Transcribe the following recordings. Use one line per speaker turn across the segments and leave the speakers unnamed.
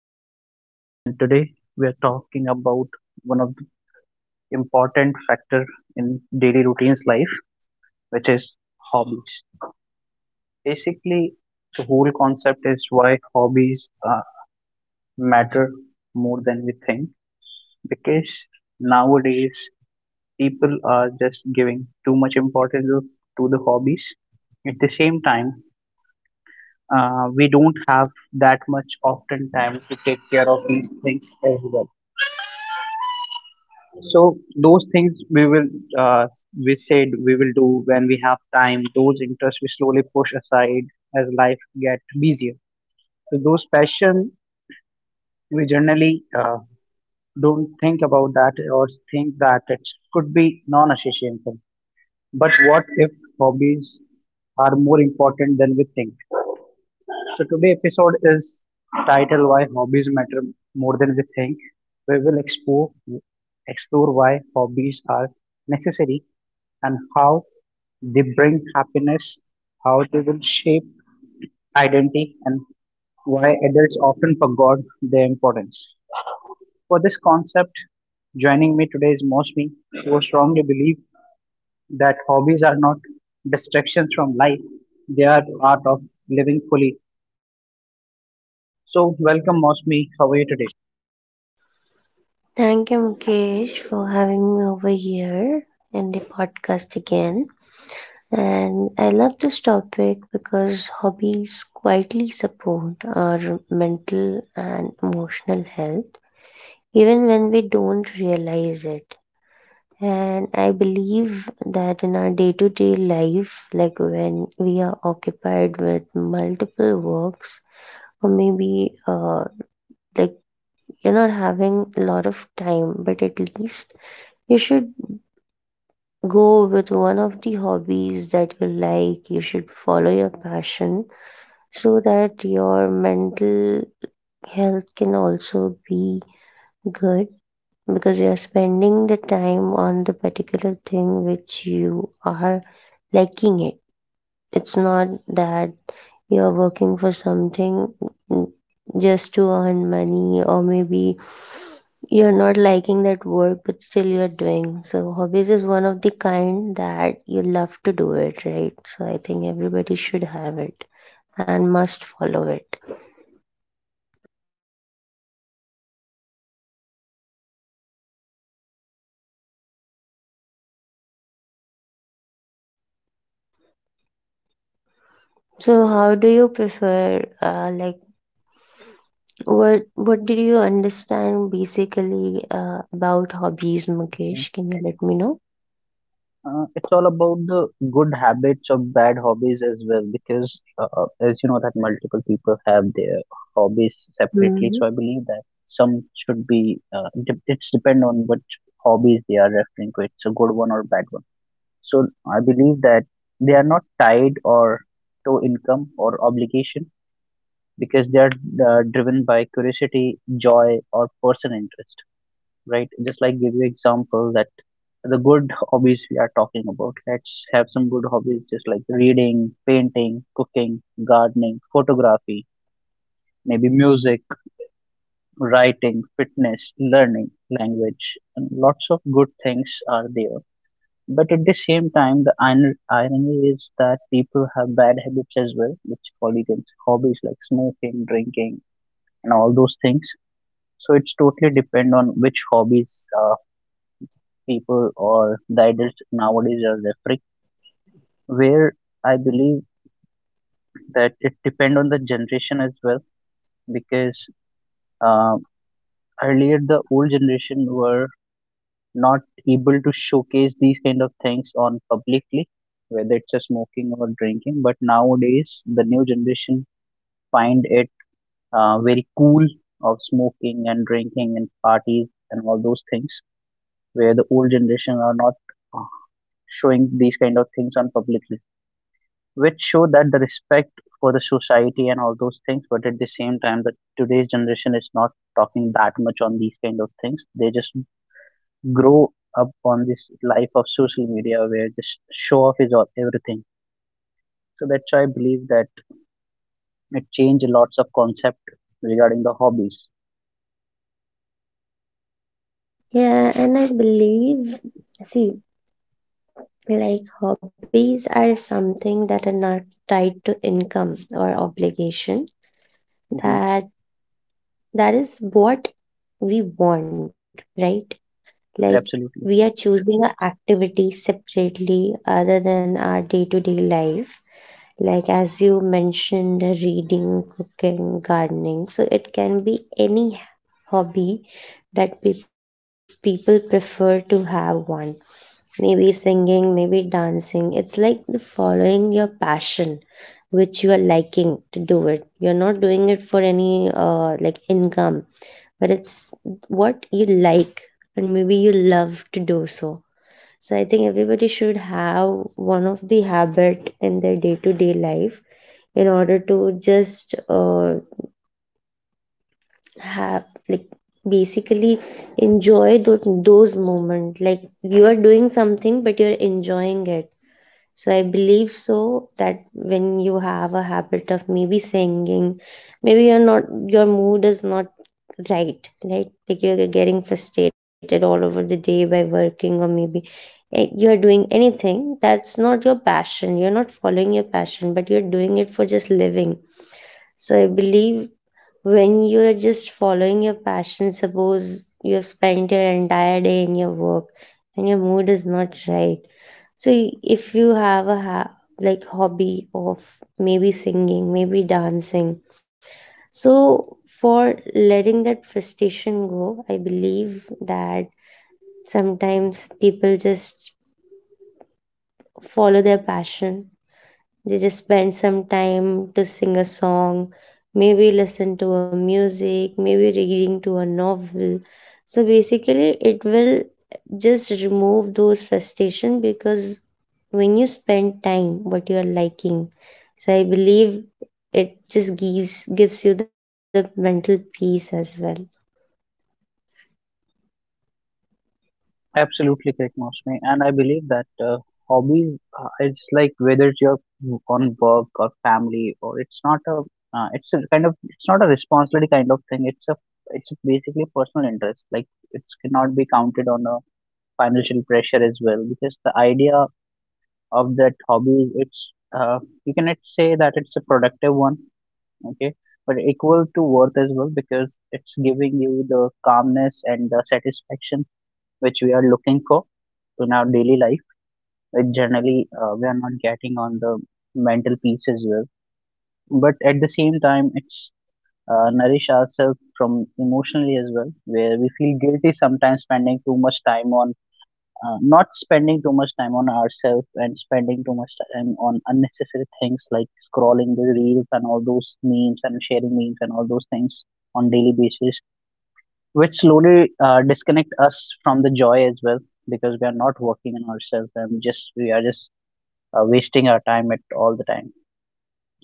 Mukesh, and today we are talking about one of the important factor in daily routines life, which is hobbies. Basically, the whole concept is why hobbies matter more than we think, because nowadays people are just giving too much to the hobbies. At the same time, we don't have that much often time to take care of these things as well, so those things we will uh, we said we will do when we have time. Those interests we slowly push aside as life get busier, so those passion we generally don't think about that or think that it could be non-essential, but what if hobbies are more important than we think? So today episode is titled "Why Hobbies Matter More Than We Think." We will explore why hobbies are necessary and how they bring happiness, how they will shape identity, and why adults often forgot their importance. For this concept, joining me today is Mosmi, who strongly believe that hobbies are not distractions from life; they are part of living fully. So, welcome, Mosmi. How are you today?
Thank you, Mukesh, for having me over here in the podcast again. And I love this topic because hobbies quietly support our mental and emotional health, even when we don't realize it. And I believe that in our day to day life, like when we are occupied with multiple works, or maybe like you're not having a lot of time, but at least you should go with one of the hobbies that you like. You should follow your passion so that your mental health can also be good because you're spending the time on the particular thing which you are liking it. It's not that you're working for something just to earn money, or maybe you're not liking that work, but still you're doing. So, hobbies is one of the kind that you love to do it, right? So, I think everybody should have it and must follow it. So, how do you prefer? Like, what did you understand basically about hobbies,
Okay.
Mukesh? Can you let me know?
It's all about the good habits of bad hobbies as well, because as you know that multiple people have their hobbies separately. So I believe that some should be. It's depend on what hobbies they are referring to. It's a good one or bad one. So I believe that they are not tied or to income or obligation because they are driven by curiosity, joy, or personal interest. Right? Just like give you example that the good hobbies we are talking about. Let's have some good hobbies just like reading, painting, cooking, gardening, photography, maybe music, writing, fitness, learning, language, and lots of good things are there. But at the same time, the irony is that people have bad habits as well, which call against hobbies like smoking, drinking, and all those things. So it's totally depend on which hobbies uh, people or the adults nowadays are referring, where I believe that it depend on the generation as well because uh, earlier the old generation were not able to showcase these kind of things on publicly, whether it's a smoking or drinking, but nowadays the new generation find it very cool of smoking and drinking and parties and all those things, where the old generation are not uh, showing these kind of things on publicly, which show that the respect for the society and all those things, but at the same time that today's generation is not talking that much on these kind of things. They just grow up on this life of social media where just show off is all everything, so that's why I believe that it changed lots of concept regarding the hobbies.
Yeah, and I believe, see, like hobbies are something that are not tied to income or obligation.
Hmm.
That that is what we want, right? Like we are
Absolutely.
choosing an activity separately other than our day-to-day life. Like as you mentioned, reading, cooking, gardening. So it can be any hobby that people prefer to have one. Maybe singing, maybe dancing. It's like the following your passion which you are liking to do it. You're not doing it for any like income, but it's what you like and maybe you love to do so. So I think everybody should have one of the habit in their day-to-day life in order to just have, like, basically enjoy those moments like you are doing something but you're enjoying it. So I believe so that when you have a habit of maybe singing, maybe you're not, your mood is not right, right? Like you're getting frustrated all over the day by working or maybe you're doing anything that's not your passion. You're not following your passion, but you're doing it for just living. So I believe when you're just following your passion, suppose you've spent your entire day in your work and your mood is not right. So if you have a like hobby of maybe singing, maybe dancing, so for letting that frustration go, I believe that sometimes people just follow their passion. They just spend some time to sing a song, maybe listen to a music, maybe reading to a novel. So basically, it will just remove those frustration because when you spend time what you are liking, so I believe it just gives you the mental peace as well.
Absolutely correct, Mosme. And I believe that hobbies, it's like whether you're on work or family, or it's not a, it's a kind of, it's not a responsibility kind of thing. It's a, it's basically personal interest. Like it cannot be counted on a financial pressure as well, because the idea of that hobby, it's, you cannot say that it's a productive one, okay, but equal to worth as well, because it's giving you the calmness and the satisfaction which we are looking for in our daily life, which generally we are not getting on the mental peace as well. But at the same time, it's nourish ourselves from emotionally as well, where we feel guilty sometimes spending too much time on not spending too much time on ourselves and spending too much time on unnecessary things like scrolling the reels and all those memes and sharing memes and all those things on daily basis, which slowly disconnect us from the joy as well, because we are not working on ourselves and just we are just wasting our time at all the time.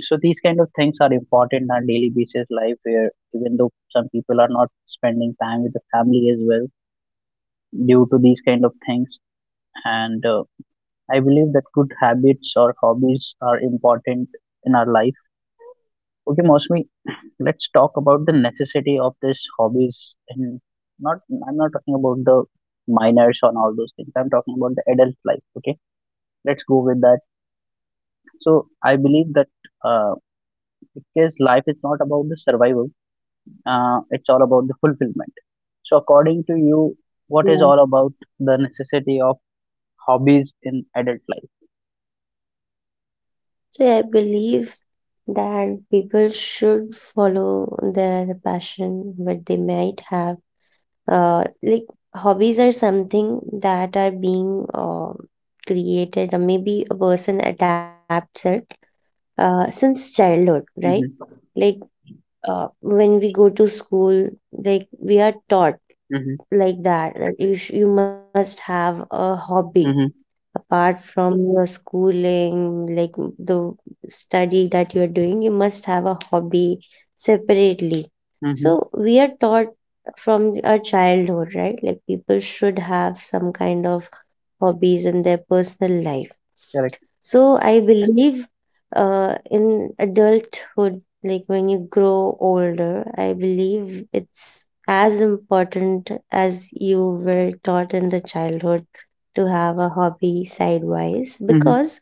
So these kind of things are important in our daily basis life, where even though some people are not spending time with the family as well due to these kind of things. And I believe that good habits or hobbies are important in our life. Okay, Mostly, let's talk about the necessity of this hobbies and not, I'm not talking about the minors on all those things, I'm talking about the adult life. Okay, let's go with that. So I believe that, uh, because life is not about the survival, it's all about the fulfillment. So according to you, what is
Yeah.
all about the necessity of hobbies in adult life?
So I believe that people should follow their passion, what they might have, like hobbies are something that are being created or maybe a person adapts it since childhood, right?
Mm-hmm.
Like when we go to school, like we are taught
Mm-hmm.
like that you, you must have a hobby
Mm-hmm.
apart from your schooling, like the study that you're doing, you must have a hobby separately.
Mm-hmm.
So we are taught from our childhood, right? Like people should have some kind of hobbies and their personal life.
Correct.
So I believe in adulthood, like when you grow older, I believe it's as important as you were taught in the childhood to have a hobby sidewise
Mm-hmm.
because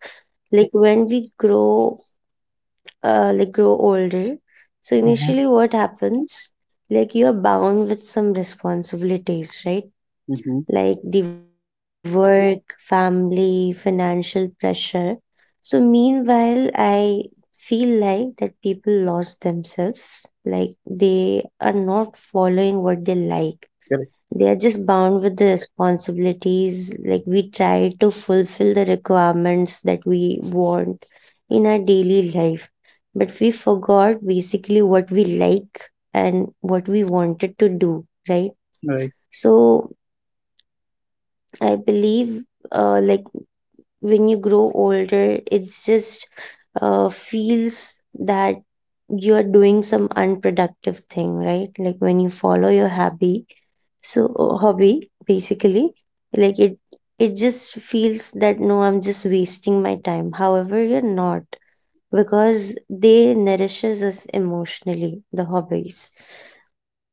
like when we grow like grow older, so
Mm-hmm.
initially what happens, like you're bound with some responsibilities, right?
Mm-hmm.
Like the work, family, financial pressure. So, meanwhile, I feel like that people lost themselves, like they are not following what they like.
Correct.
They are just bound with the responsibilities. Like, we try to fulfill the requirements that we want in our daily life, but we forgot basically what we like and what we wanted to do, right?
Right.
So, I believe like when you grow older, it just feels that you are doing some unproductive thing, right? Like when you follow your hobby, so hobby basically, like it just feels that no, I'm just wasting my time, however you're not, because they nourishes us emotionally, the hobbies,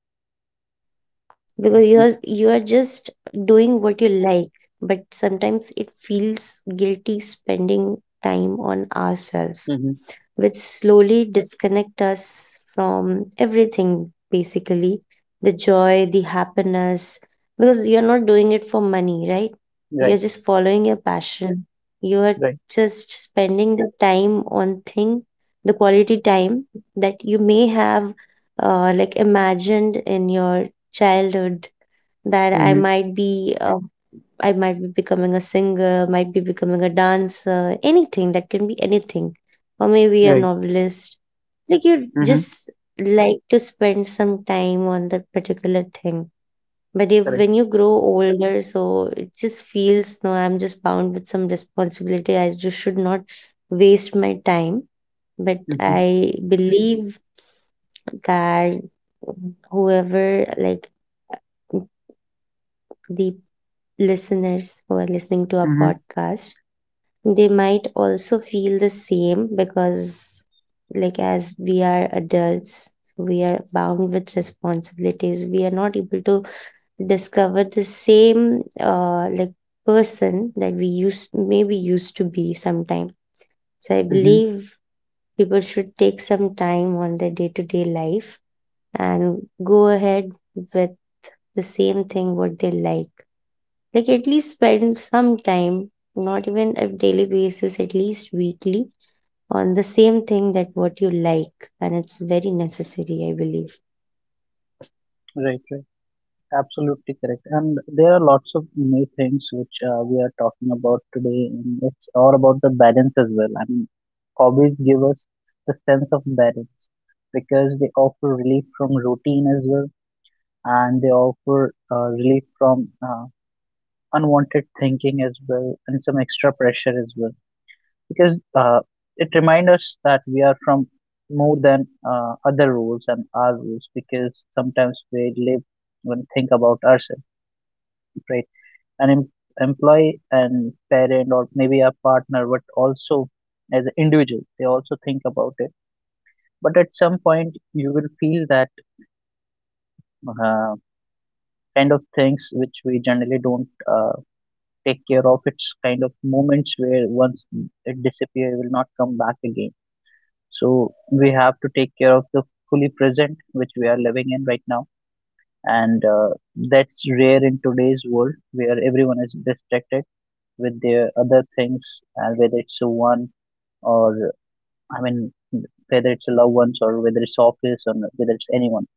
because
Mm-hmm.
you are just doing what you like, but sometimes it feels guilty spending time on ourselves,
Mm-hmm.
which slowly disconnect us from everything, basically, the joy, the happiness, because you're not doing it for money, right? You're
Right.
just following your passion. You're
Right.
just spending the time on thing, the quality time that you may have like imagined in your childhood, that I
Mm-hmm.
might be I might be becoming a singer, might be becoming a dancer, anything that can be anything, or maybe a
Right.
novelist. Like you
Mm-hmm.
just like to spend some time on that particular thing. But if
Correct.
when you grow older, so it just feels no, I'm just bound with some responsibility. I just should not waste my time. But
Mm-hmm.
I believe that whoever, like, the listeners who are listening to our
Mm-hmm.
podcast, they might also feel the same because like as we are adults, we are bound with responsibilities, we are not able to discover the same like person that we used maybe used to be sometime. So I
Mm-hmm.
believe people should take some time on their day-to-day life and go ahead with the same thing what they like at least spend some time, not even a daily basis, at least weekly, on the same thing that what you like, and it's very necessary, I believe.
Right. Right. Absolutely correct. And there are lots of new things which we are talking about today, and it's all about the balance as well. I mean, hobbies give us the sense of balance because they offer relief from routine as well, and they offer relief from unwanted thinking as well, and some extra pressure as well, because it reminds us that we are from more than other rules and our rules, because sometimes we live when think about ourselves, right? an em- employee and parent or maybe a partner, but also as an individual they also think about it. But at some point you will feel that, uh, kind of things which we generally don't uh, take care of, it's kind of moments where once it disappears it will not come back again. So we have to take care of the fully present which we are living in right now, and that's rare in today's world where everyone is distracted with their other things, and whether it's a one or, I mean whether it's a loved ones or whether it's office or whether it's anyone.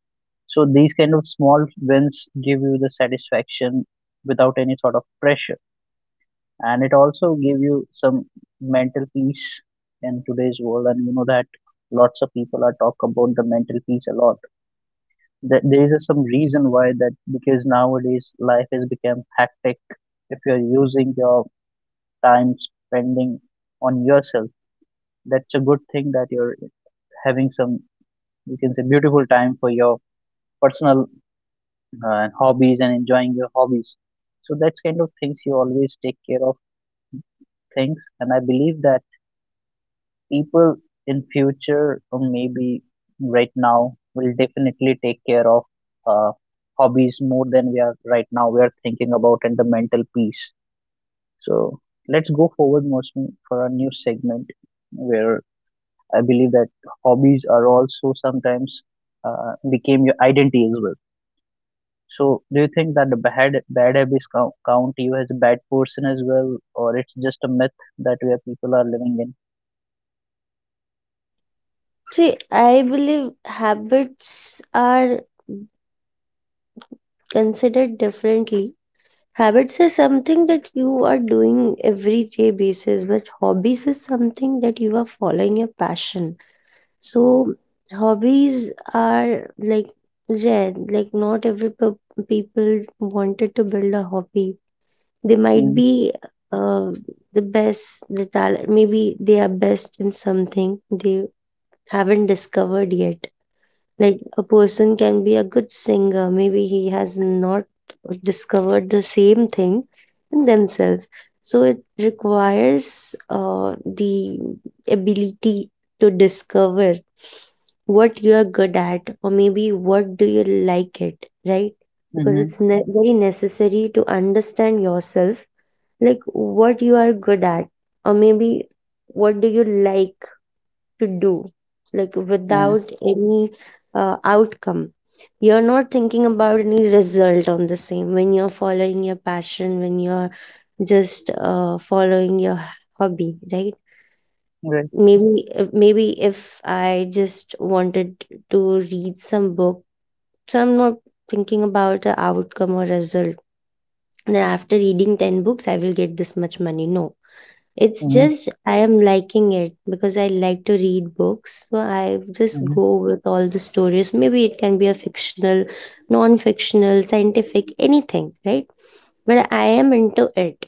So these kind of small wins give you the satisfaction without any sort of pressure, and it also give you some mental peace in today's world, and you know that lots of people are talk about the mental peace a lot. There is some reason why that, because nowadays life has become hectic. If you're using your time spending on yourself, that's a good thing that you're having some, you can say, beautiful time for your personal hobbies and enjoying your hobbies. So that's kind of things you always take care of things, and I believe that people in future or maybe right now will definitely take care of uh, hobbies more than we are right now we are thinking about, and the mental peace. So let's go forward, Mostly, for our new segment, where I believe that hobbies are also sometimes became your identity as well. So do you think that the bad habits count you as a bad person as well, or it's just a myth that where people are living in?
See, I believe habits are considered differently. Habits are something that you are doing everyday basis, but hobbies is something that you are following your passion. So hobbies are like rare, like not every people wanted to build a hobby. They might be uh, the best, the talent, maybe they are best in something they haven't discovered yet, like a person can be a good singer, maybe he has not discovered the same thing in themselves. So it requires the ability to discover what you are good at, or maybe what do you like it, right? Because
Mm-hmm.
it's very necessary to understand yourself, like what you are good at or maybe what do you like to do, like
Mm-hmm.
without any outcome. You're not thinking about any result on the same when you're following your passion, when you're just following your hobby, right?
Right.
Maybe maybe if I just wanted to read some book, so I'm not thinking about the outcome or result, then after reading 10 books I will get this much money, no. It's just I am liking it because I like to read books. So I just go
Mhm,
with all the stories. Maybe it can be a fictional, non fictional, scientific, anything, right? But I am into it.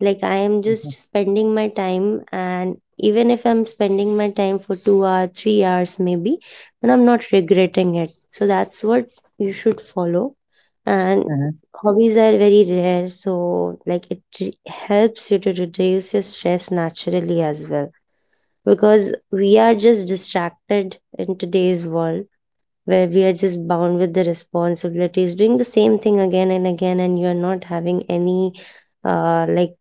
Like I am
mhm,
just spending my time, and even if I'm spending my time for 2 hours, 3 hours maybe, but I'm not regretting it. So that's what you should follow. And
mhm,
hobbies are very rare, so like it helps you to reduce your stress naturally as well. Because we are just distracted in today's world, where we are just bound with the responsibilities, doing the same thing again and again, and you are not having any like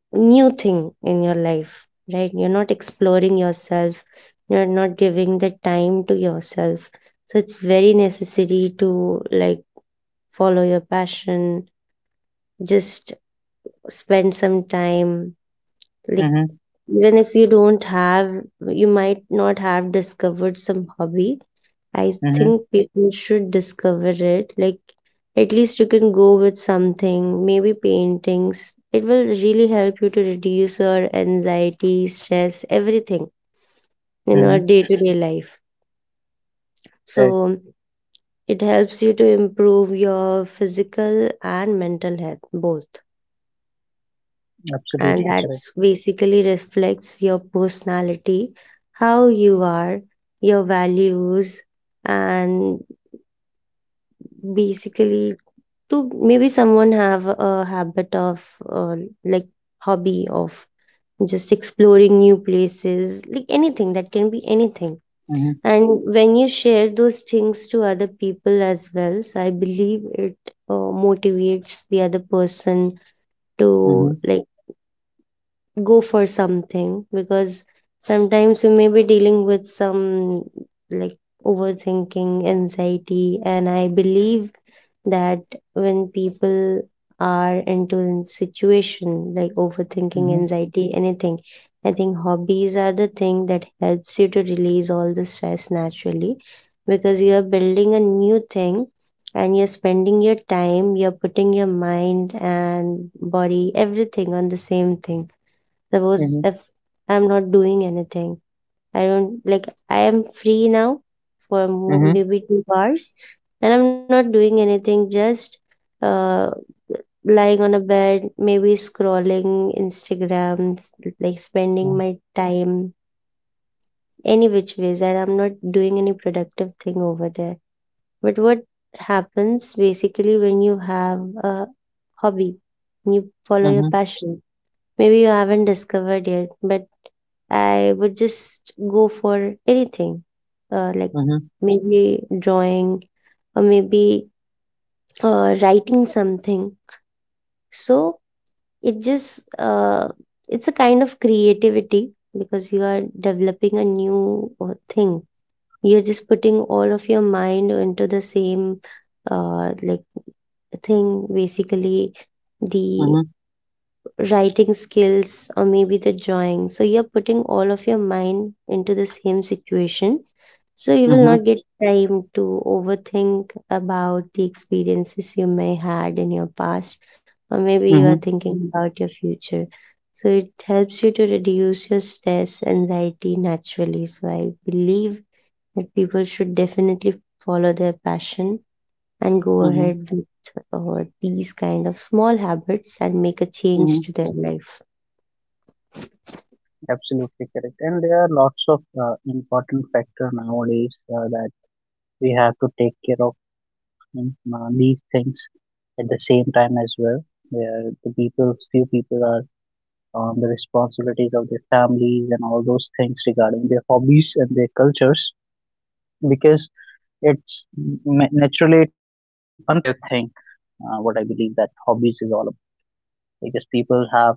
new thing in your life, right? You're not exploring yourself, you're not giving the time to yourself. So it's very necessary to like follow your passion, just spend some time, like
mhm,
even if you don't have, you might not have discovered some hobby, I
mhm,
think people should discover it. Like, at least you can go with something, maybe paintings. It will really help you to reduce your anxiety, stress, everything in our
mhm.
day to day life.
Correct.
So, it helps you to improve your physical and mental health, both. And
Absolutely correct.
that's basically reflects your personality, how you are, your values, and basically to maybe someone have a habit of like hobby of just exploring new places, like anything that can be anything,
Mhm,
and when you share those things to other people as well, so I believe it motivates the other person to,
mhm,
like, go for something because sometimes you may be dealing with some, like, overthinking, anxiety, and I believe that when people are into a situation like overthinking,
mhm,
anxiety, anything, I think hobbies are the thing that helps you to release all the stress naturally because you are building a new thing and you're spending your time, you're putting your mind and body, everything on the same thing. Suppose
mhm,
if I'm not doing anything, I don't like, I am free now for
mhm,
maybe 2 hours and I'm not doing anything, just uh, lying on a bed, maybe scrolling Instagram, like spending
mhm,
my time any which ways, and I'm not doing any productive thing over there. But what happens basically when you have a hobby, you follow your
mhm,
passion. Maybe you haven't discovered yet, but I would just go for anything, like
mhm,
maybe drawing or maybe writing something. So it just uh, it's a kind of creativity because you are developing a new thing. You're just putting all of your mind into the same uh, like thing. Basically, the
mhm,
writing skills or maybe the drawing. So you're putting all of your mind into the same situation. So you will not get time to overthink about the experiences you may had in your past or maybe you
mhm,
are
mhm,
thinking about your future. So it helps you to reduce your stress, anxiety naturally. So I believe that people should definitely follow their passion and go
mhm,
ahead with these kind of small habits and make a change
mhm.
to their life.
Absolutely correct. And there are lots of important factor nowadays that we have to take care of, these things at the same time as well. Where the people, few people are on the responsibilities of their families and all those things regarding their hobbies and their cultures, because it's, naturally it's unproductive thing, what I believe that hobbies is all about, because people have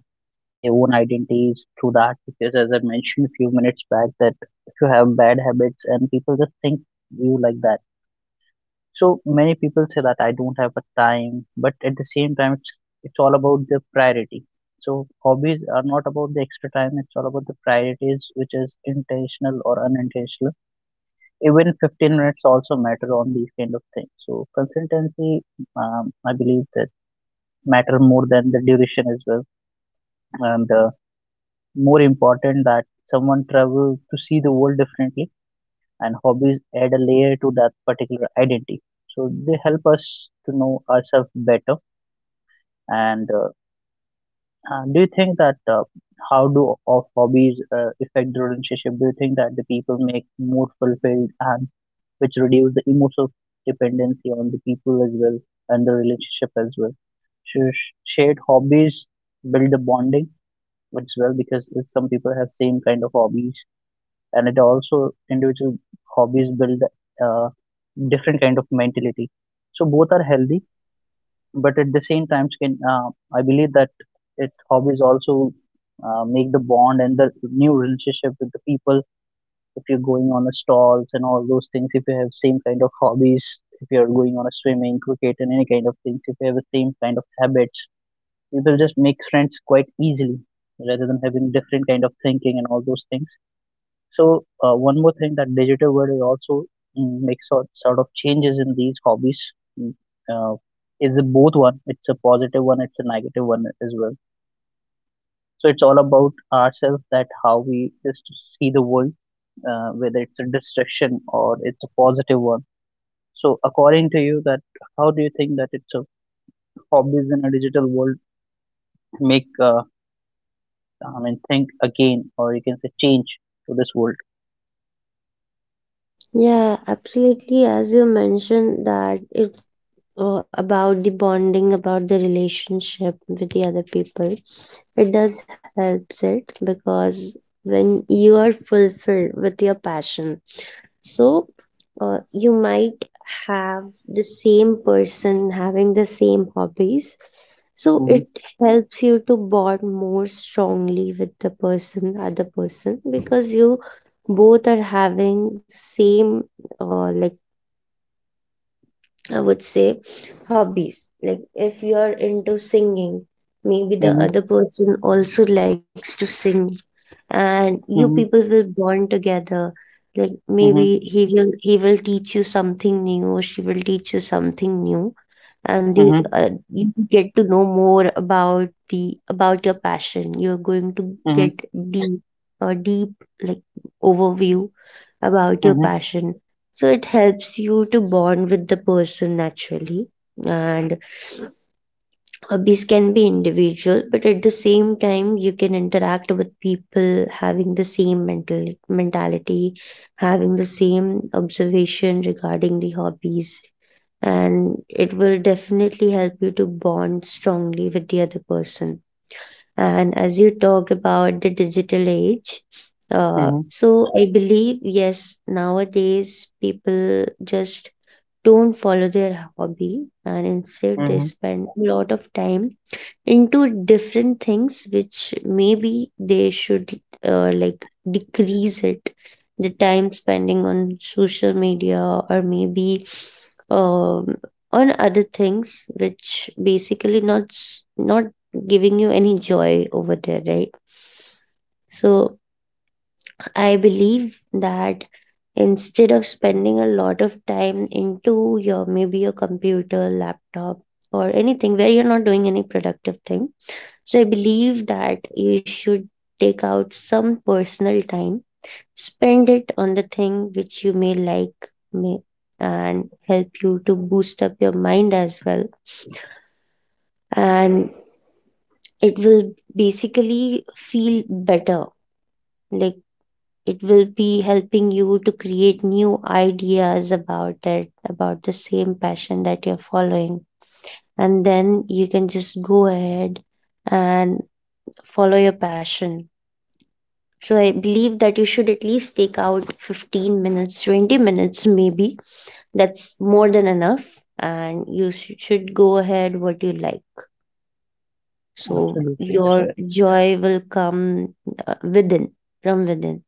their own identities through that, because as I mentioned a few minutes back that if you have bad habits and people just think you like that. So many people say that I don't have a time, but at the same time it's all about the priority. So hobbies are not about the extra time, it's all about the priorities, which is intentional or unintentional. Even 15 minutes also matter on these kind of things. So consistency, I believe that matter more than the duration as well. And more important that someone travel to see the world differently, and hobbies add a layer to that particular identity. So they help us to know ourselves better. And do you think that how do of hobbies affect the relationship? Do you think that the people make more fulfilled and which reduce the emotional dependency on the people as well and the relationship as well. Shared hobbies build the bonding as well, because if some people have same kind of hobbies, and it also individual hobbies build uh, different kind of mentality. So both are healthy, but at the same time, can I believe that it hobbies also make the bond and the new relationship with the people. If you're going on a stalls and all those things, if you have same kind of hobbies, if you're going on a swimming, cricket, and any kind of things, if you have the same kind of habits, you will just make friends quite easily rather than having different kind of thinking and all those things. So one more thing that digital world is also, mm, makes sort of changes in these hobbies. Mm. Uh, is a both one. It's a positive one. It's a negative one as well. So it's all about ourselves that how we just see the world, whether it's a distraction or it's a positive one. So according to you, that how do you think that it's a hobbies in a digital world make, I mean think again, or you can say change to this world?
Yeah, absolutely. As you mentioned that it's about the bonding, about the relationship with the other people. It does helps it because when you are fulfilled with your passion, so you might have the same person having the same hobbies, so
Mm-hmm.
it helps you to bond more strongly with the person, other person, because you both are having same uh, like I would say hobbies. Like if you are into singing, maybe the
Mm-hmm.
other person also likes to sing and you
Mm-hmm.
people will bond together. Like maybe he will teach you something new or she will teach you something new and
Mm-hmm.
you get to know more about the about your passion. You're going to
Mm-hmm. Mm-hmm.
get deep a deep like overview about your
Mm-hmm.
passion, so it helps you to bond with the person naturally. And hobbies can be individual, but at the same time, you can interact with people having the same mentality, having the same observation regarding the hobbies, and it will definitely help you to bond strongly with the other person. And as you talked about the digital age,
Mm-hmm.
so I believe yes, nowadays people just don't follow their hobby and instead they
Mm-hmm.
spend a lot of time into different things which maybe they should like decrease it, the time spending on social media, or maybe um, on other things which basically not giving you any joy over there, right? So I believe that instead of spending a lot of time into your maybe your computer, laptop, or anything where you're not doing any productive thing, so I believe that you should take out some personal time, spend it on the thing which you may like, may, and help you to boost up your mind as well, and it will basically feel better, like it will be helping you to create new ideas about the same passion that you're following, and then you can just go ahead and follow your passion. So I believe that you should at least take out 15 minutes, 20 minutes maybe, that's more than enough, and should go ahead what you like, so
Absolutely,
your
correct.
joy will come within from within.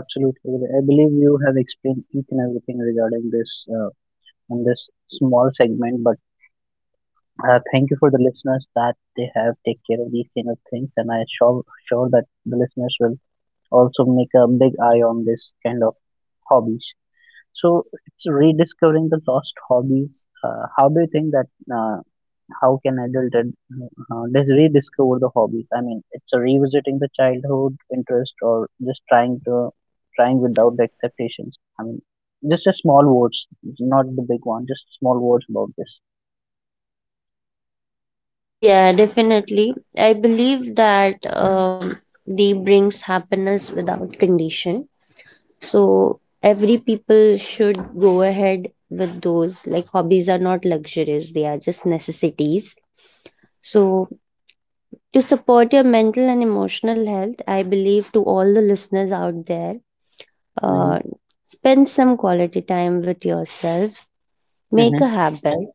Absolutely correct. I believe you have explained each and everything regarding this in this small segment, but thank you for the listeners that they have take care of these kind of things, and I sure that the listeners will also make a big eye on this kind of hobbies. So it's rediscovering the lost hobbies. How do you think that? Uh, how can just rediscover the hobbies? I mean, it's a revisiting the childhood interest or just trying without the expectations. I mean, just a small words, not the big one. Just small words about this.
Yeah, definitely. I believe that they brings happiness without condition. So every people should go ahead with those. Like hobbies are not luxuries; they are just necessities. So to support your mental and emotional health, I believe to all the listeners out there,
Mm-hmm.
uh, spend some quality time with yourself. Make a
Mm-hmm.
habit,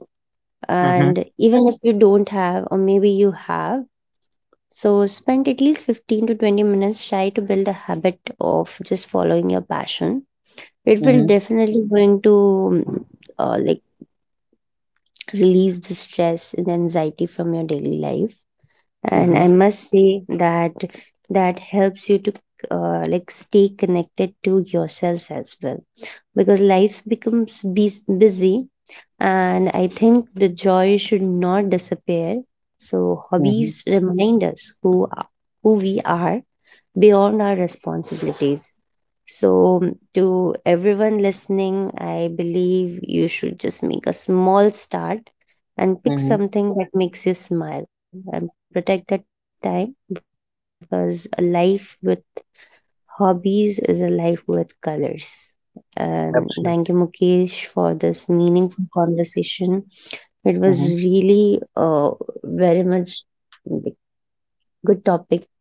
Mm-hmm.
and even if you don't have, or maybe you have. So spend at least 15 to 20 minutes, try to build a habit of just following your passion. It will definitely going to uh, like release the stress and anxiety from your daily life. And I
Mhm,
must say that that helps you to like stay connected to yourself as well because life becomes busy and I think the joy should not disappear. So
mhm,
hobbies remind us who we are beyond our responsibilities. So, to everyone listening, I believe you should just make a small start and pick
mhm.
something that makes you smile and protect that time, because a life with hobbies is a life with colors. And thank you, Mukesh, for this
Absolutely.
meaningful conversation. It was really
Mhm.
very much like good topic that we have discussed about,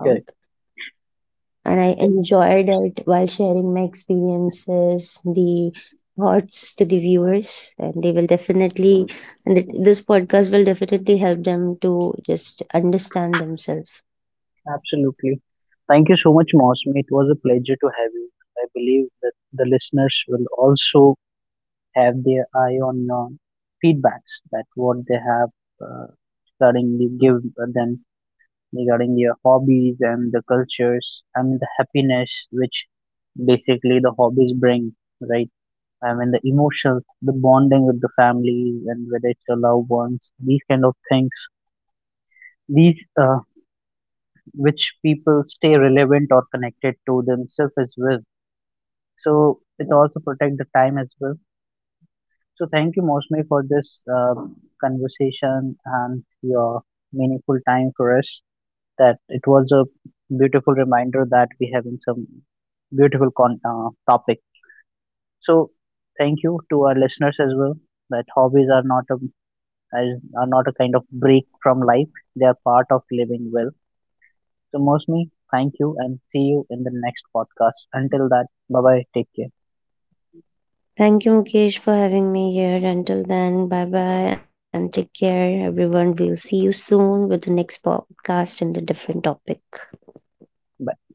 Correct.
and I enjoyed it while sharing my experiences, the thoughts to the viewers, and they will definitely, and it, this podcast will definitely help them to just understand themselves.
Absolutely. Thank you so much, Mosmi. It was a pleasure to have you. I believe that the listeners will also have their eye on feedbacks that what they have uh, regarding the give them regarding their hobbies and the cultures and the happiness which basically the hobbies bring, right? I mean the emotions, the bonding with the families and whether it's your loved ones, these kind of things, these uh, which people stay relevant or connected to themselves as well, so it also protect the time as well. So thank you, Mosme, for this conversation and your meaningful time for us, that it was a beautiful reminder that we having some beautiful topic. So thank you to our listeners as well, that hobbies are not a, are not a kind of break from life, they are part of living well. So, Mostly, thank you and see you in the next podcast. Until that, bye bye. Take care.
Thank you, Mukesh, for having me here. Until then, bye bye and take care, everyone. We'll see you soon with the next podcast and the different topic.
Bye.